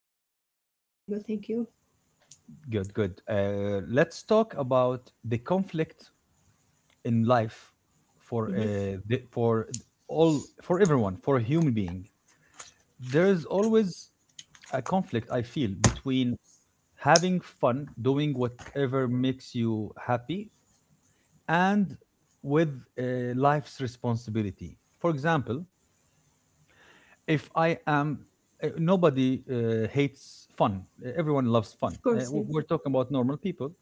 How are you, Mujahid? I'm very good, thank you. Good, good. Let's talk about the conflict in life for Hmm. uh, the, for for everyone, for a human being. There is always a conflict I feel between having fun, doing whatever makes you happy, and with life's responsibility. For example, if I am nobody hates fun. Everyone loves Of fun. Uh, course, w- yes. we're talking about normal people.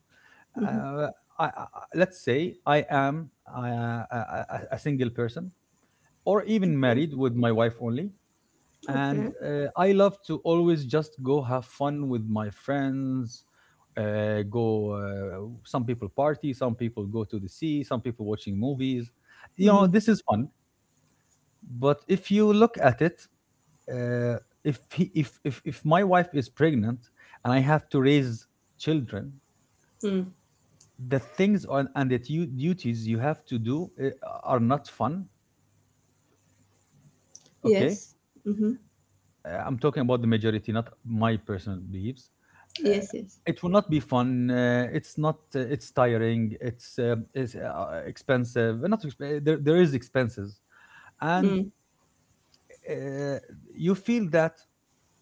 Hmm. Uh, I, I, let's say I am a single person, or even Okay, married with my wife only, and okay. I love to always just go have fun with my friends. Go. Some people party. Some people go to the sea. Some people watching movies. Hmm. This is fun. But if you look at it, uh, if he, if my wife is pregnant and I have to raise children, Mm. the things on and duties you have to do are not fun. Okay, Yes. Hmm. I'm talking about the majority, not my personal beliefs. Uh, Yes, yes. it will not be fun. It's not. It's tiring. It's expensive. Not exp- there. There is expenses, and Mm. uh, you feel that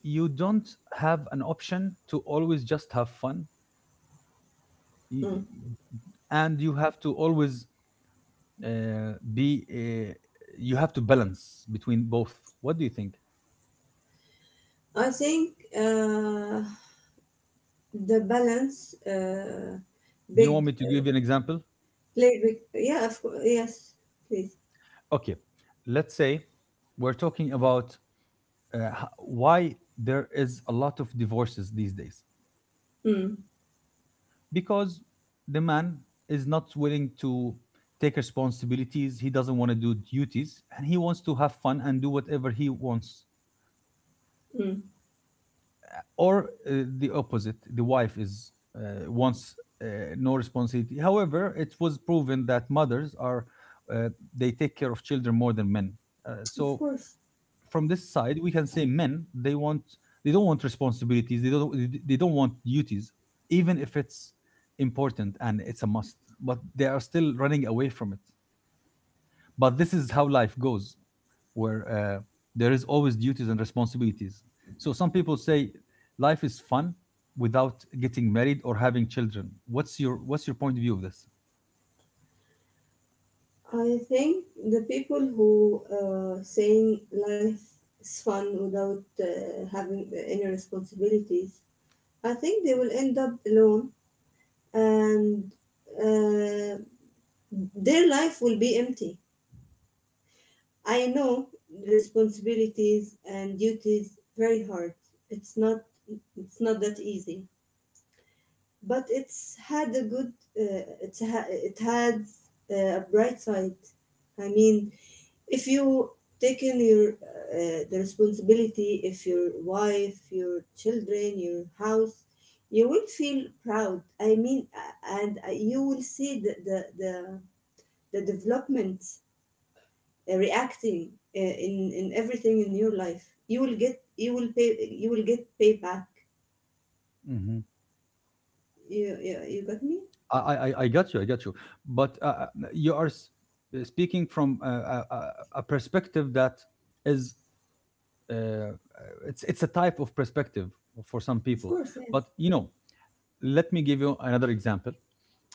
you don't have an option to always just have fun. Y- Mm. and you have to always uh, be you have to balance between both. What do you think? I think uh, the balance, Do you want big me to give you an example? play, big yeah, of course, yes, please. Okay, let's say we're talking about why there is a lot of divorces these days. Mm. Because the man is not willing to take responsibilities, he doesn't want to do duties, and he wants to have fun and do whatever he wants. Mm. Or the opposite: the wife is wants uh, no responsibility. However, it was proven that mothers are uh, they take care of children more than men, Of so course. from this side we can say men they don't want responsibilities, they don't want duties even if it's important and it's a must, but they are still running away from it. But this is how life goes, where there is always duties and responsibilities. So some people say life is fun without getting married or having children. What's your point of view of this? I think the people who saying life is fun without having any responsibilities, I think they will end up alone and uh, their life will be empty. I know responsibilities and duties very hard. It's not it's not that easy, but it's had a good it has a bright side. I mean, if you take in your the responsibility, if your wife, your children, your house, you will feel proud. I mean, and you will see the development reacting in everything in your life, you will get, you will pay, you will get payback. hmm You got me? I got you. I got you. But you are speaking from a perspective that is it's a type of perspective for some Of people. course, yes. But let me give you another example.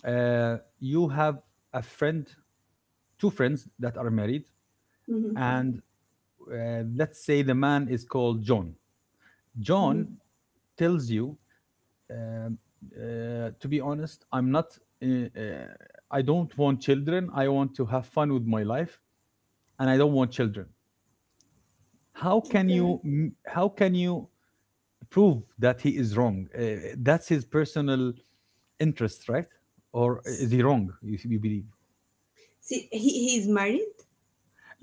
You have a friend, two friends that are married, Mm-hmm. and let's say the man is called John. John Mm-hmm. tells you, um, to be honest, I'm not. Uh, uh, I don't want children. I want to have fun with my life, and I don't want children. How can Okay. you? How can you prove that he is wrong? That's his personal interest, right? Or S- is he wrong? You believe? see, he's married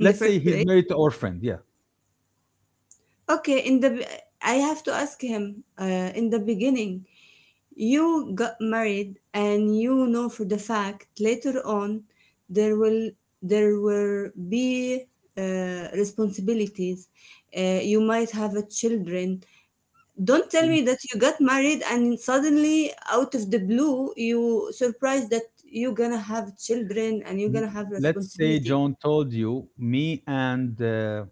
in the say first he's place. married to our friend. Yeah. Okay, I have to ask him in the beginning. You got married, and you know for the fact later on there will there will be responsibilities. You might have a children. Don't tell me that you got married and suddenly out of the blue you surprised that you're gonna have children and you're gonna have Let's say responsibility. John told you, me and uh, uh,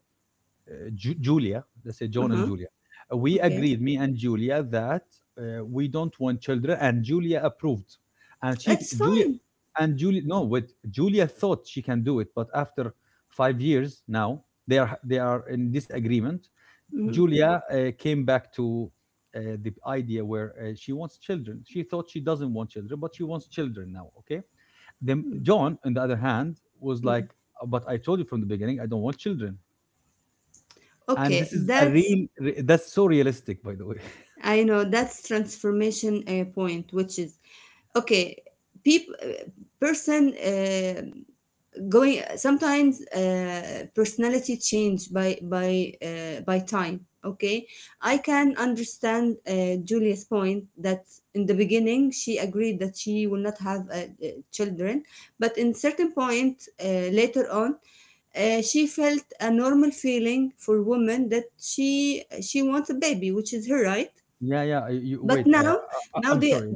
Ju- Julia, let's say John and Uh-huh. Julia, we Okay, agreed, me and Julia, that we don't want children, and Julia approved. And she, that's Julia, fine. and Julia, no, wait, Julia thought she can do it, but after 5 years now, they are in disagreement. Mhm. Julia came back to the idea where she wants children. She thought she doesn't want children, but she wants children now. Okay. Then John, on the other hand, was Mm. like, "But I told you from the beginning, I don't want children." And Okay, this is a that's... real re That's so realistic, by the way. I know that's transformation point, which is okay. People, person going sometimes personality change by time. Okay, I can understand Julia's point that in the beginning she agreed that she will not have children, but in certain point later on she felt a normal feeling for women that she wants a baby, which is her right. Yeah, yeah. You, But wait, now, now I'm they... sorry.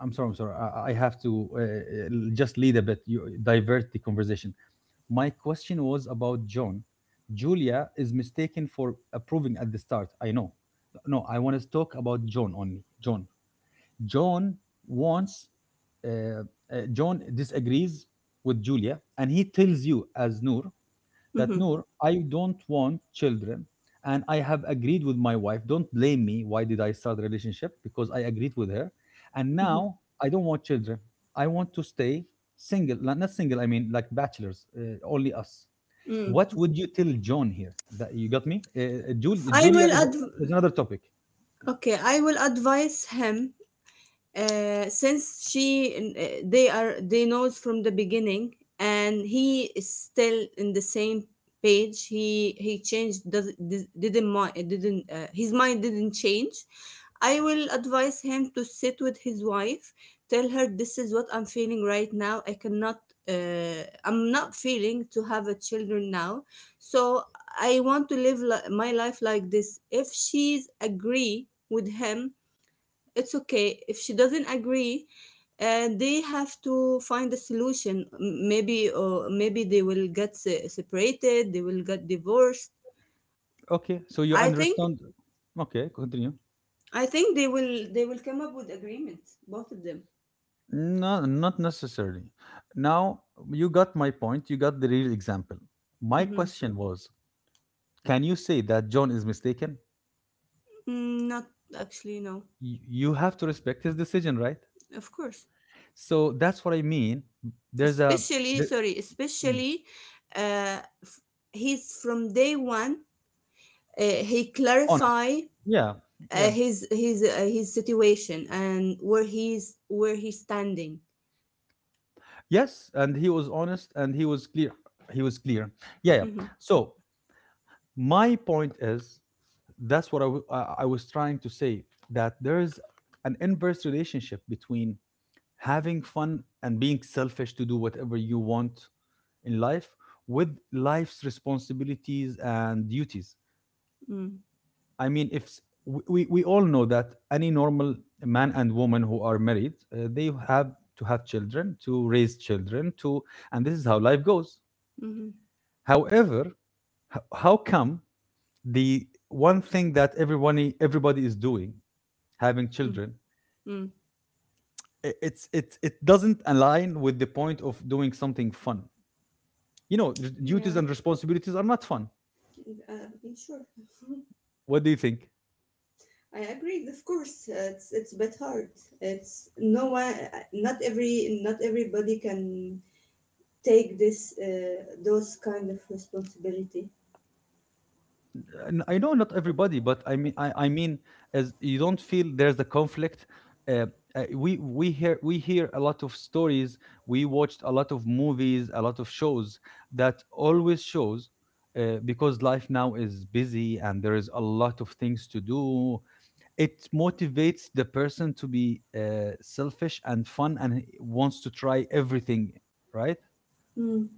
I'm sorry. I'm sorry. I have to just lead a bit. You divert the conversation. My question was about John. Julia is mistaken for approving at the start. I know. No, I want to talk about John only. John. John wants. Uh, uh, John disagrees with Julia, and he tells you as Noor that Mhm. Noor, I don't want children. And I have agreed with my wife. Don't blame me. Why did I start the relationship? Because I agreed with her. And Mhm. now I don't want children. I want to stay single. Not single, I mean like bachelors, only us. What Mm. would you tell John here? That you got me? I Julia will is, adv- is another topic. okay. I will advise him since she they knows from the beginning, and he is still in the same page. He changed, does, didn't mind, didn't his mind didn't change. I will advise him to sit with his wife, tell her this is what I'm feeling right now. I cannot, I'm not feeling to have a children now. So I want to my life like this. If she's agree with him, it's okay. If she doesn't agree, they have to find a solution. Maybe, or maybe they will get separated, they will get divorced. Okay, so you i think understand. Okay, continue. i think they will come up with agreement, both of them. No, not necessarily. Now, you got my point. You got the real example. My Hmm. question was, can you say that John is mistaken? Mm, not actually no. You have to respect his decision, right? Of course. So that's what I mean. There's a Especially, there, sorry, mm, especially uh, f- he's from day one. He honest. clarify Yeah, uh, yeah. his his uh, his situation and where he's standing. Yes, and he was honest and he was clear. He was clear. Yeah, yeah. Mhm. So my point is that's what I was trying to say, that there is an inverse relationship between having fun and being selfish to do whatever you want in life with life's responsibilities and duties. Mm. I mean, if we all know that any normal man and woman who are married, they have to have children, to raise children to, and this is how life goes. Mhm. However, how come the one thing that everyone everybody is doing, having Mm. children, Mm. it doesn't align with the point of doing something fun? You know, r- Duties Yeah. and responsibilities are not fun. Yeah, sure, What do you think? I agree. Of course, it's a bit hard. It's no one, not everybody can take this those kind of responsibility. And I know not everybody, but I mean, I mean, as you don't feel there's a conflict. Uh, we hear a lot of stories. We watched a lot of movies, a lot of shows that always shows because life now is busy and there is a lot of things to do, it motivates the person to be selfish and fun and wants to try everything, right? Mm.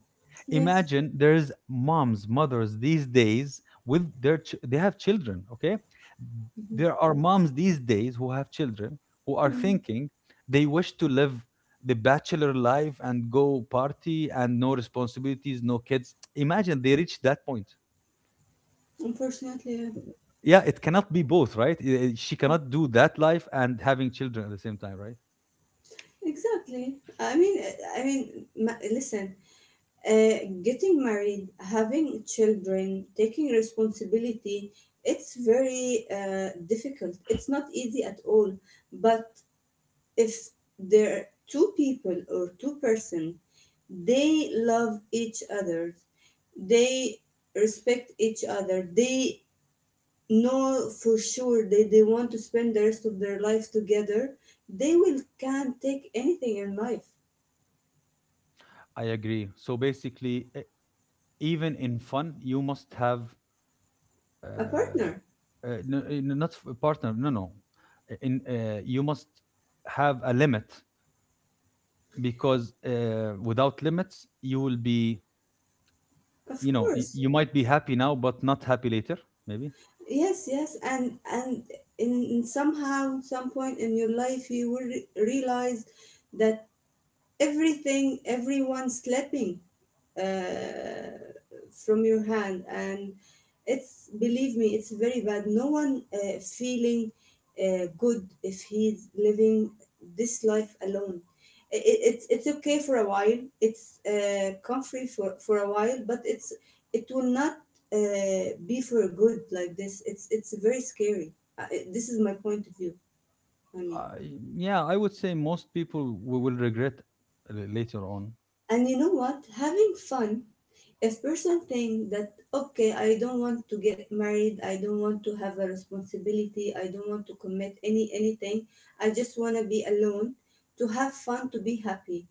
Yes. Imagine there's moms mothers these days with they have children. Okay, there are moms these days who have children who are Mm. thinking they wish to live the bachelor life and go party and no responsibilities, no kids. Imagine they reach that point. Unfortunately, yeah. Yeah, it cannot be both, right? She cannot do that life and having children at the same time, right? Exactly. I mean, listen. Uh, Getting married, having children, taking responsibility, it's very difficult. It's not easy at all. But if there are two people or two-person, they love each other, they respect each other, they know for sure they want to spend the rest of their life together, they will can't take anything in life. I agree. So basically, even in fun, you must have uh, A partner, uh, not a partner. No, no. Eh, In you must have a limit, because without limits, you will be. of course. You might be happy now, but not happy later. Maybe. Yes, yes, and in somehow some point in your life you will realize that everything everyone's sleeping uh, from your hand, and it's, believe me, it's very bad. No one feeling good if he's living this life alone. It's okay for a while. It's comfy for a while, but it will not be for good like this. It's very scary. This is my point of view, I mean. I yeah, I would say most people we will regret later on. And you know what? Having fun, if person think that, okay, I don't want to get married, I don't want to have a responsibility, I don't want to commit anything, I just want to be alone, to have fun, to be happy.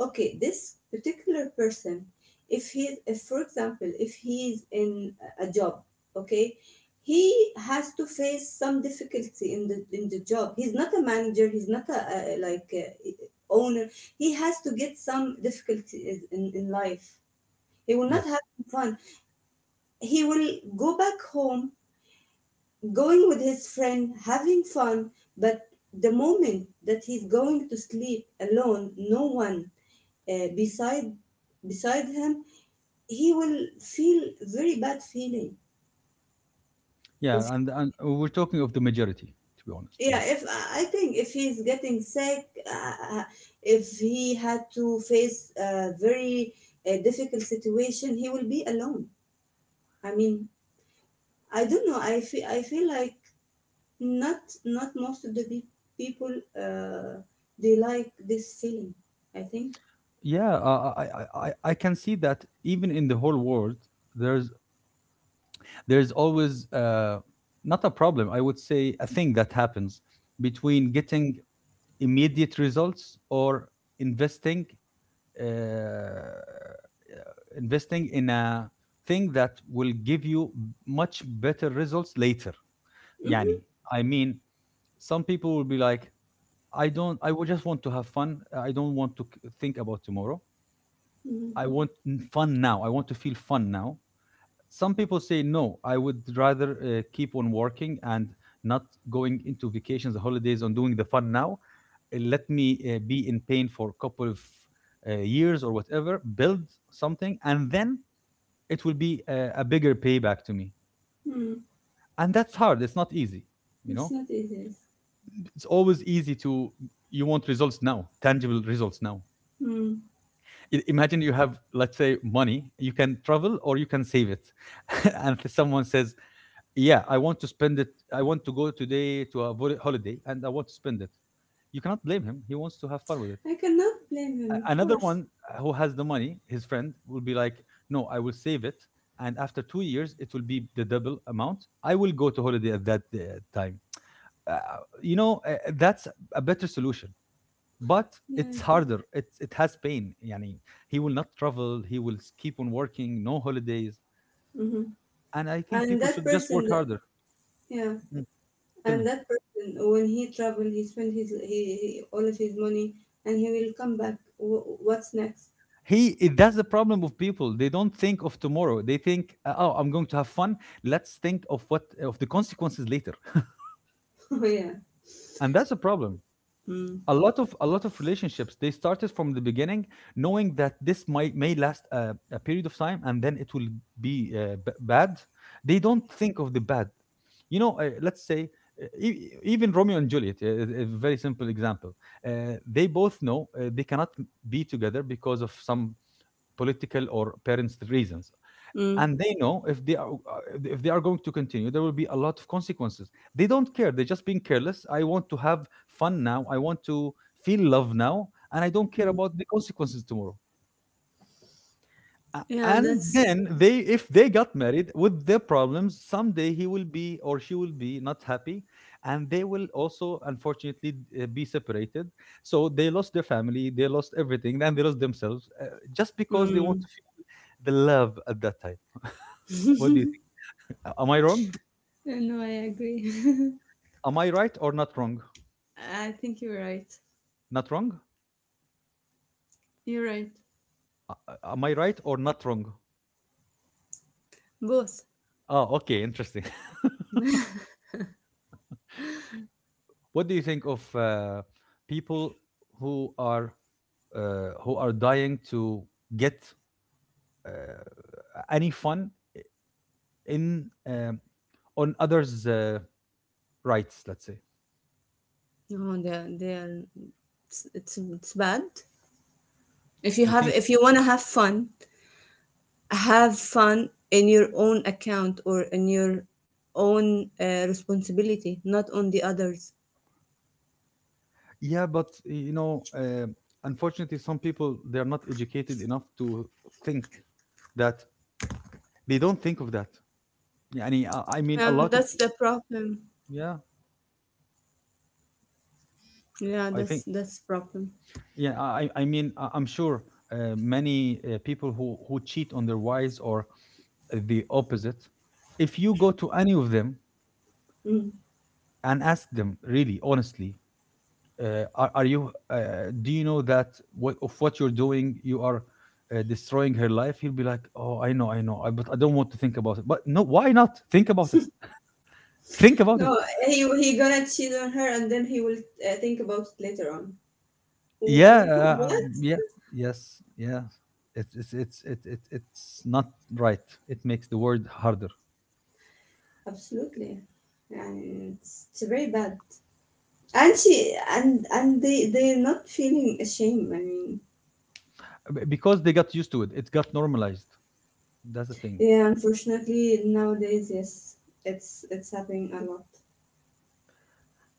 Okay, this particular person, if for example, if he is in a job. Okay, he has to face some difficulty in the job. He's not a manager. He's not a like a owner. He has to get some difficulties in life. He will not Yes. have fun. He will go back home, going with his friend, having fun, but the moment that he's going to sleep alone, no one uh, beside beside him, he will feel very bad feeling. Yeah, If- and we're talking of the majority, to be honest. Yeah. yeah, if I think if he's getting sick, uh, if he had to face a very difficult situation, he will be alone. I mean, I don't know. I feel like not not most of the people uh, they like this feeling, I think. Yeah, I can see that even in the whole world, there's there's always not a problem. I would say a thing that happens between getting immediate results or investing uh, investing in a thing that will give you much better results later, yani. Mm-hmm. I mean, some people will be like, I don't, I would just want to have fun, I don't want to think about tomorrow. Mm-hmm. I want fun now, I want to feel fun now. Some people say, no, I would rather keep on working and not going into vacations or holidays on doing the fun now. Let me be in pain for a couple of years or whatever, build something, and then it will be a bigger payback to me. Mm. And that's hard, it's not easy. you know It's not easy. it's always easy to, you want results now, tangible results now. Mm. Imagine you have, let's say, money. You can travel or you can save it. And someone says, yeah, I want to spend it, I want to go today to a holiday, and I want to spend it. You cannot blame him, he wants to have fun with it. I cannot blame him, of Another course. one, who has the money, his friend will be like, no, I will save it, and after 2 years it will be the double amount, I will go to holiday at that time. uh, that's a better solution, but it's Yeah. harder, it has pain, yani. He will not travel, he will keep on working, no holidays. Mm-hmm. And I think And people that should just work person, that, harder. yeah, Mm, Tell me. and that person when he traveled, he spent he all of his money, and he will come back. What's next? That's the problem of people. They don't think of tomorrow. They think, "Oh, I'm going to have fun. Let's think of what of the consequences later." Oh yeah. And that's a problem. Mm. A lot of relationships they started from the beginning, knowing that this might may last a period of time, and then it will be bad. They don't think of the bad. Let's say even Romeo and Juliet, is a very simple example. They both know they cannot be together because of some political or parents reasons, Mm. and they know if they are going to continue there will be a lot of consequences. They don't care, they're just being careless. I want to have fun now, I want to feel love now, and I don't care Mm. about the consequences tomorrow. A- Yeah. and That's... then they, if they got married with their problems, someday he will be or she will be not happy, and they will also unfortunately be separated, so they lost their family, they lost everything, and they lost themselves, just because they want Mm. to feel the love at that time. What do you think? Am I wrong? No, I agree. Am I right or not wrong? I think you're right. Not wrong? You're right. Am I right or not wrong? Both. Oh, okay, interesting. What do you think of people who are who are dying to get uh, any fun in on others' rights? Let's say No, they're it's bad. If you you have think, if you wanna have fun in your own account or in your own responsibility, not on the others. yeah, but you know, unfortunately, some people they are not educated enough to think that, they don't think of that. Yeah, I mean, I mean, a And lot of that's the problem. yeah. Yeah, I think that's problem. yeah, I mean, I'm sure many people who cheat on their wives or the opposite, if you go to any of them Mm. and ask them, really, honestly, are you, do you know that what, of what you're doing, you are destroying her life? He'll be like, oh, I know, I know, I, but I don't want to think about it. But no, why not? Think about it. Think about it. No, he gonna cheat on her, and then he will think about it later on. Yeah, What? Yeah, yes, yeah. It's not right. It makes the word harder. Absolutely. And it's very bad. And she, and they're not feeling ashamed, I mean. Because they got used to it, it got normalized. That's the thing. Yeah, unfortunately nowadays, yes, it's happening a lot.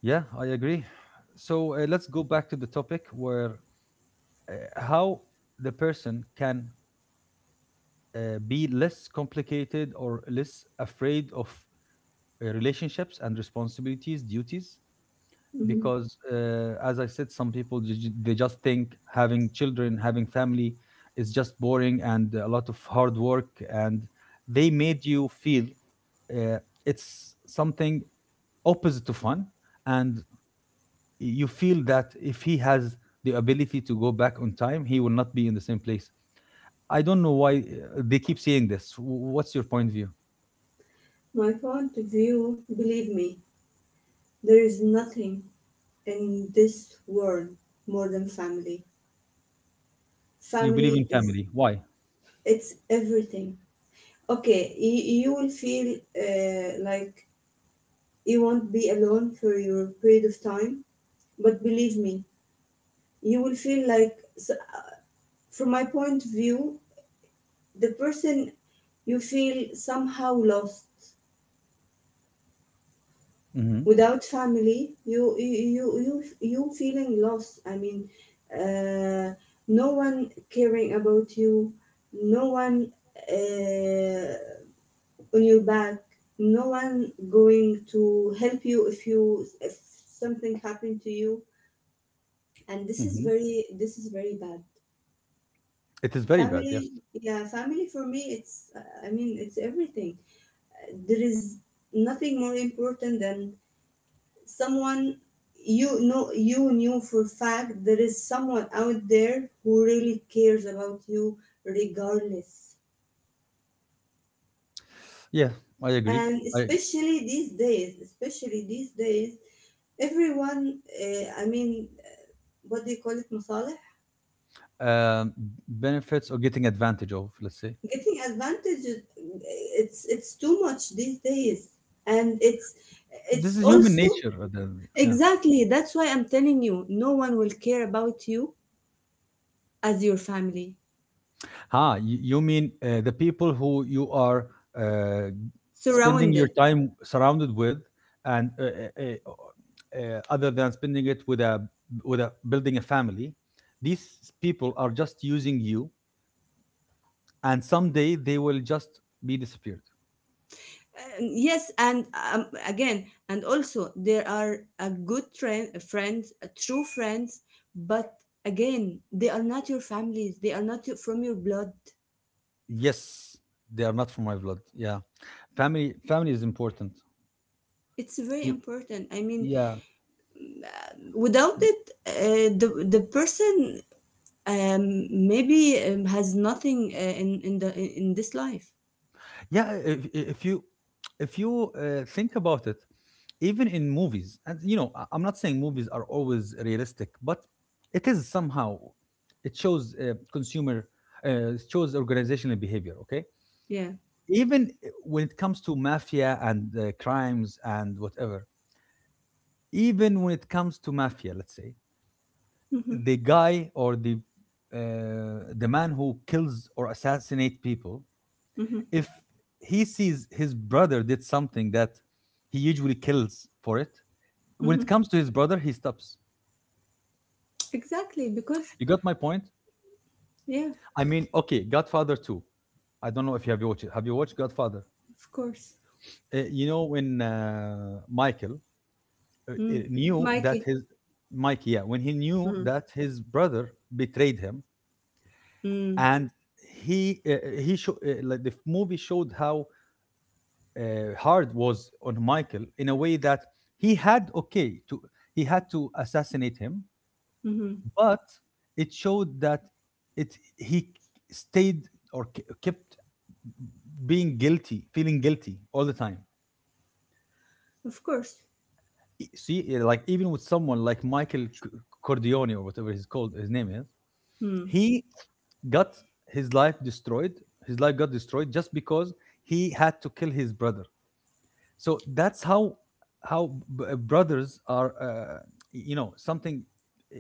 Yeah, I agree. So let's go back to the topic where, uh, how the person can be less complicated or less afraid of relationships and responsibilities, duties. Hmm. Because as I said, some people they just think having children, having family is just boring and a lot of hard work, and they made you feel uh, it's something opposite to fun, and you feel that if he has the ability to go back on time he will not be in the same place. I don't know why they keep saying this. What's your point of view? My point of view, believe me, there is nothing in this world more than family. You believe Family in is, family, why? it's everything. Okay, you will feel like you won't be alone for your period of time. But, believe me, you will feel like so. From my point of view, the person, you feel somehow lost. Hmm. Without family, you feeling lost, I mean. uh, no one caring about you, no one uh, on your back, no one going to help you if something happened to you. And Hmm. This is very bad. It is very bad, Family. yes. Yeah, family, for me, it's I mean, it's everything. There is nothing more important than someone, you know, you knew for a fact there is someone out there who really cares about you, regardless. Yeah, I agree. And i especially these days, especially these days, everyone I mean, what do you call it, masalih. um benefits or getting advantage of, let's say. Getting advantages, it's too much these days. And it's This it's is human also... nature. Yeah. exactly, that's why I'm telling you no one will care about you as your family. Ha, you mean the people who you are uh, spending your Surrounded. time surrounded with, and uh, other than spending it with a, with a, building a family, these people are just using you, and someday they will just be disappeared. And yes, and again, and also there are a good trend friends, a true friends. But again, they are not your families, they are not your, from your blood. Yes, they are not from my blood. Yeah, family is important. It's very Y- important, I mean. Yeah, Without it, the person, maybe, has nothing in this life. Yeah. If you, if you think about it, even in movies, and you know, I'm not saying movies are always realistic, but it is somehow, it shows consumer it shows organizational behavior. Okay, Yeah. even when it comes to mafia and crimes and whatever, even when it comes to mafia, let's say, Hmm. the guy or the man who kills or assassinate people, Hmm. if he sees his brother did something that he usually kills for it, when Hmm. it comes to his brother, he stops. Exactly, because. You got my point? Yeah. I mean, okay, Godfather 2. I don't know if you have watched it. Have you watched Godfather? Of course. You know, when Michael Mm. knew that Mikey. his, Mike, yeah, when he knew Mm. that his brother betrayed him, Mm, and like the movie showed how hard was on Michael in a way that he had okay to he had to assassinate him, mhm. but it showed that it he stayed or kept being guilty, feeling guilty all the time. Of course. See, like even with someone like Michael Cordione or whatever he's called, his name is, Mm. he got his life destroyed. His life got destroyed just because he had to kill his brother. So that's how, brothers are, you know, something uh,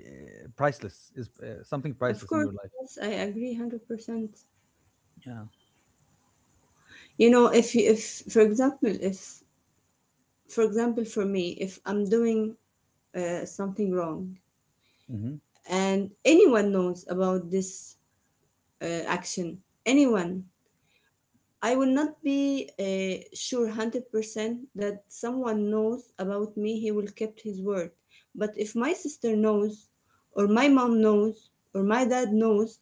priceless is something Of priceless in course, your life. yes, I agree 100%. Yeah. You know, if for example for me, if I'm doing something wrong, Hmm. and anyone knows about this action, anyone. I will not be sure 100% that someone knows about me, he will kept his word. But if my sister knows, or my mom knows, or my dad knows,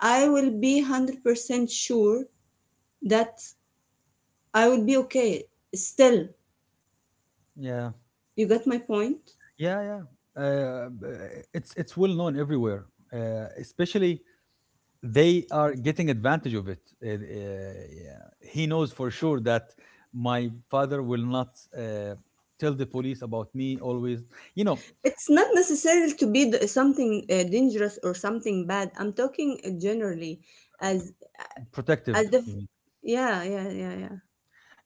I will be 100% sure that I will be okay. Still, Yeah, you got my point? yeah, yeah, it's well known everywhere, especially they are getting advantage of it. Yeah, he knows for sure that my father will not tell the police about me always, you know. It's not necessarily to be something dangerous or something bad. I'm talking generally, as as Protective, the. Yeah, yeah, yeah, yeah.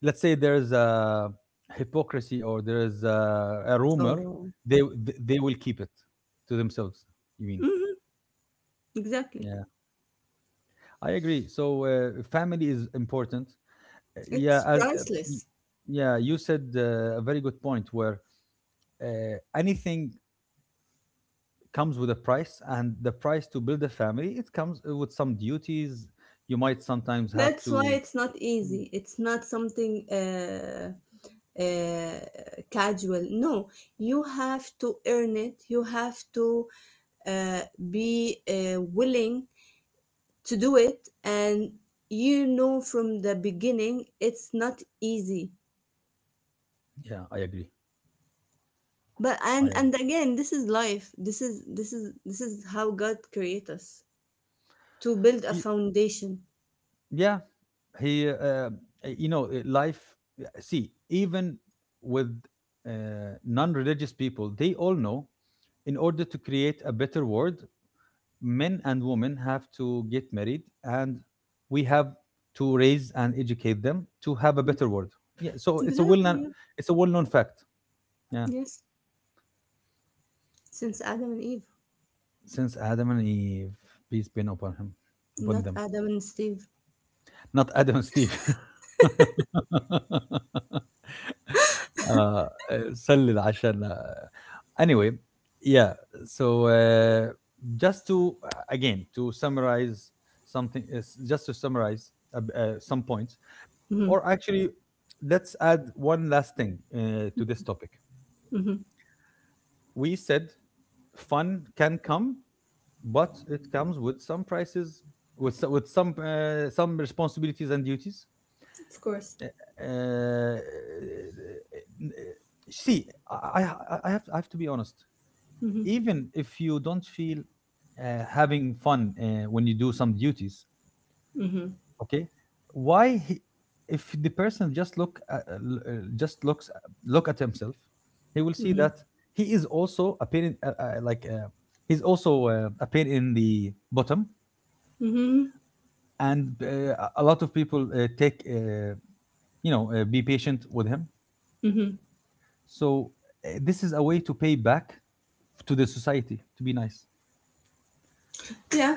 let's say. There's a hypocrisy or there is a rumor, Oh. they they will keep it to themselves, you mean. Hmm, exactly. Yeah, I agree. So family is important. Uh, yeah, It's as, y- priceless. yeah, you said a very good point where uh, anything comes with a price, and the price to build a family, it comes with some duties, you might sometimes have That's why to. it's not Mm. easy. It's not something uh, casual. No, you have to earn it. You have to uh, be willing to do it. And you know from the beginning it's not easy. Yeah, i agree But, i and agree and again, this is life. This is how God created us to build a Y- foundation. yeah, he you know life, see, even with non-religious people, they all know, in order to create a better world, men and women have to get married, and we have to raise and educate them to have a better world. Yeah, so it's a well-known, Exactly. Yeah. it's a well-known fact. Yeah. Yes. Since Adam and Eve, Since Adam and Eve, peace be upon him, upon not them, Adam and Steve. not Adam and Steve. uh, سلل عشان, anyway, yeah. So just to, again, to summarize something, is just to summarize some points, Mm-hmm. or actually, let's add one last thing to this topic. Hmm. We said fun can come, but it comes with some prices, with with some responsibilities and duties. Of course. Uh, uh, uh, uh, uh, uh, See, I have, I have to be honest. Mm-hmm. Even if you don't feel having fun when you do some duties, Mm-hmm. okay, why he, if the person just just looks look at himself, he will see Mm-hmm. that he is also appearing like he's also appearing in the bottom, Mm-hmm. and a lot of people take. You know, be patient with him. Hmm. So this is a way to pay back to the society, to be nice. Yeah.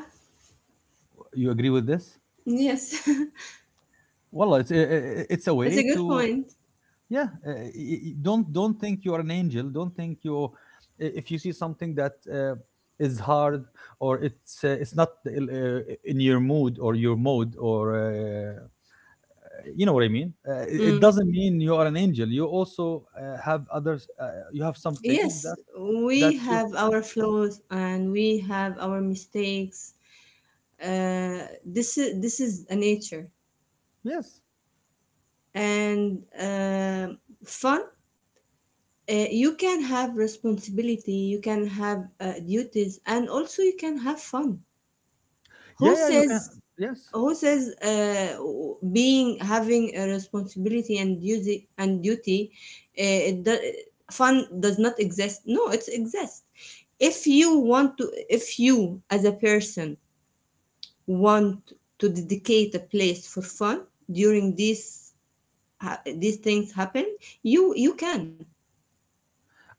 You agree with this? Yes. Well, it's it's a That's way a good to, point. yeah. Don't think you are an angel. Don't think you, if you see something that is hard or it's not in your mood or your mode or you know what I mean. It it Mm. doesn't mean you are an angel. You also have others. You have some things that, Yes, that we your, have our flaws and we have our mistakes. Uh, this is a nature yes, and fun. You can have responsibility. You can have duties, and also you can have fun. yeah, Who yeah, you can, says yes. who says being having a responsibility and duty uh, it do, fun does not exist? No, it exists. If you as a person want to dedicate a place for fun during these things happen, you can.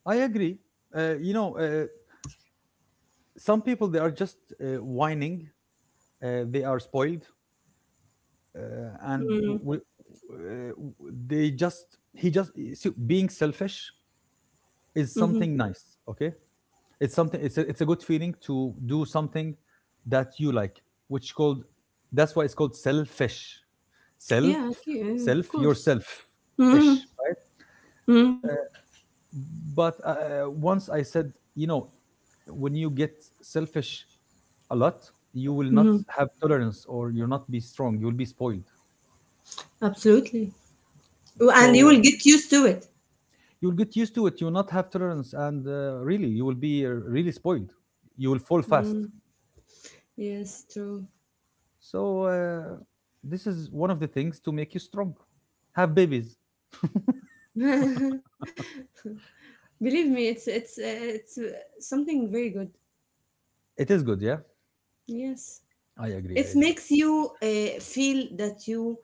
I agree. You know, some people they are just whining. They are spoiled, uh, and Mm. w- w- uh, they just, he just, so being selfish is Mm-hmm. something nice. Okay, it's something. It's a good feeling to do something that you like, which called, that's why it's called selfish. Self, Yeah, okay, yeah, of self course. yourself, Mm-hmm. ish. Mm-hmm. But once I said, you know, when you get selfish a lot, you will not have tolerance, or you'll not be strong, you'll be spoiled. Absolutely. And you So will get used to it. you'll get used to it, you'll not have tolerance, and really you will be really spoiled, you will fall fast. Mm. Yes, true. So this is one of the things to make you strong, have babies. Believe me, it's something very good. It is good, yeah. Yes, I agree, I it agree. makes you feel that you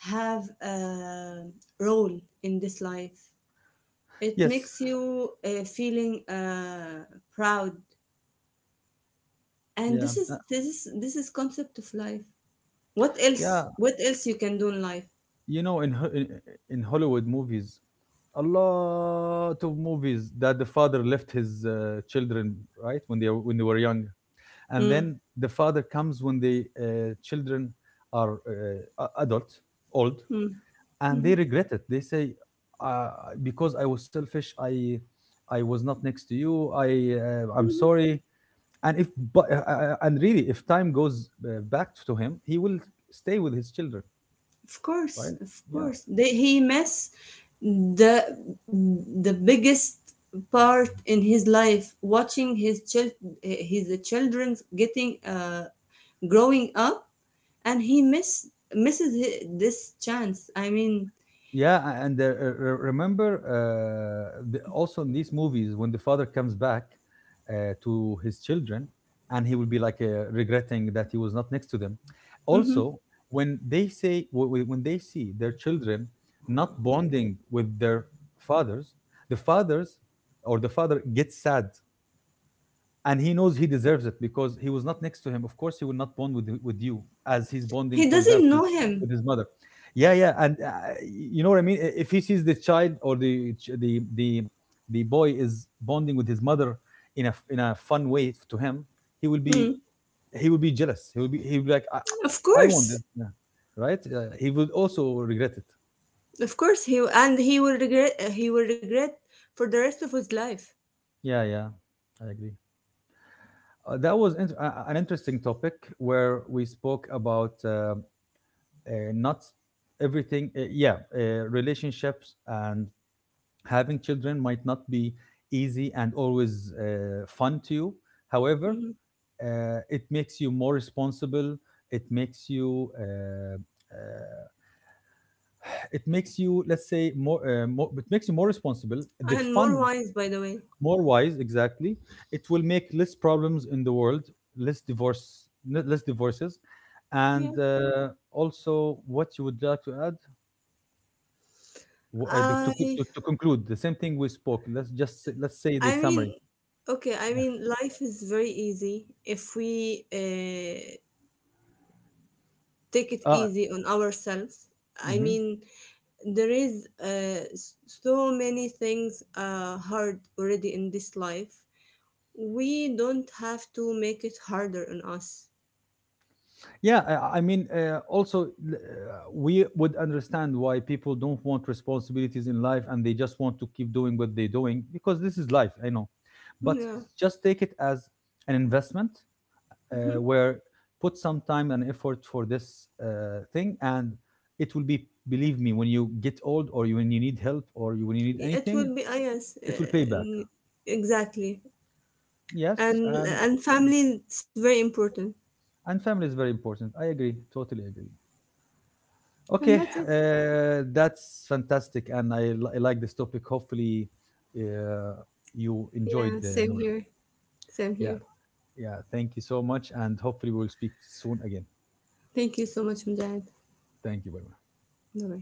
have a role in this life. It Yes, makes you feeling proud, and yeah, this is this is this is concept of life. What yeah. else? What else you can do in life? You know, in Hollywood movies, a lot of movies that the father left his children right when they were young, and Mm. then the father comes when the children are adult, old, Mm. and they regret it. They say, uh, "Because I was selfish, I was not next to you. I, I'm Mhm. sorry." And if, but and really, if time goes back to him, he will stay with his children, Of course, right? of Yeah. course. He missed the the biggest part in his life, watching his children getting growing up, and he misses this chance, I mean. Yeah, remember also in these movies when the father comes back to his children, and he will be like regretting that he was not next to them. Mhm. Also, when they say when they see their children not bonding with their fathers, the fathers or the father gets sad, and he knows he deserves it because he was not next to him. Of course, he will not bond with you as he's bonding, He for doesn't example, know him. with his mother. Yeah, yeah, and you know what I mean. If he sees the child or the boy is bonding with his mother in a in a fun way to him, he will Mm. be, he will be jealous. He will be, he will be like, Of I want course, this, yeah. Right? He would also regret it. of course, he, and he will regret. He will regret for the rest of his life. Yeah, yeah, I agree. That was an interesting topic where we spoke about not everything, relationships and having children might not be easy and always fun to you, however Mhm. It makes you more responsible, it makes you uh, it makes you, let's say, more, it makes you more responsible, the And more fun. wines, by the way. More wise, exactly. It will make less problems in the world, less divorce, less divorces. Yeah. And also what you would like to add. I To conclude, the same thing we spoke. Let's just let's say the I summary. mean, okay, I Yeah. mean, life is very easy if we take it Uh, easy on ourselves. I mhm. mean, there is so many things hard already in this life. We don't have to make it harder on us. Yeah, I mean, we would understand why people don't want responsibilities in life and they just want to keep doing what they're doing because this is life. I know, but Yeah. just take it as an investment, Hmm. Where put some time and effort for this thing, and it will be, believe me, when you get old, or you, when you need help, or you, when you need It anything, will be. Yes, it will pay back. Exactly. Yes, And and family, it's very important. and family is very important. I agree, totally agree. And Okay, that's it. That's fantastic, and I, I like this topic. Hopefully, uh, you enjoyed, Yeah, same Noor. here. Same Yeah, here. yeah. Thank you so much, and hopefully we'll speak soon again. Thank you so much, Mujahid. Thank you. Bye bye. No way.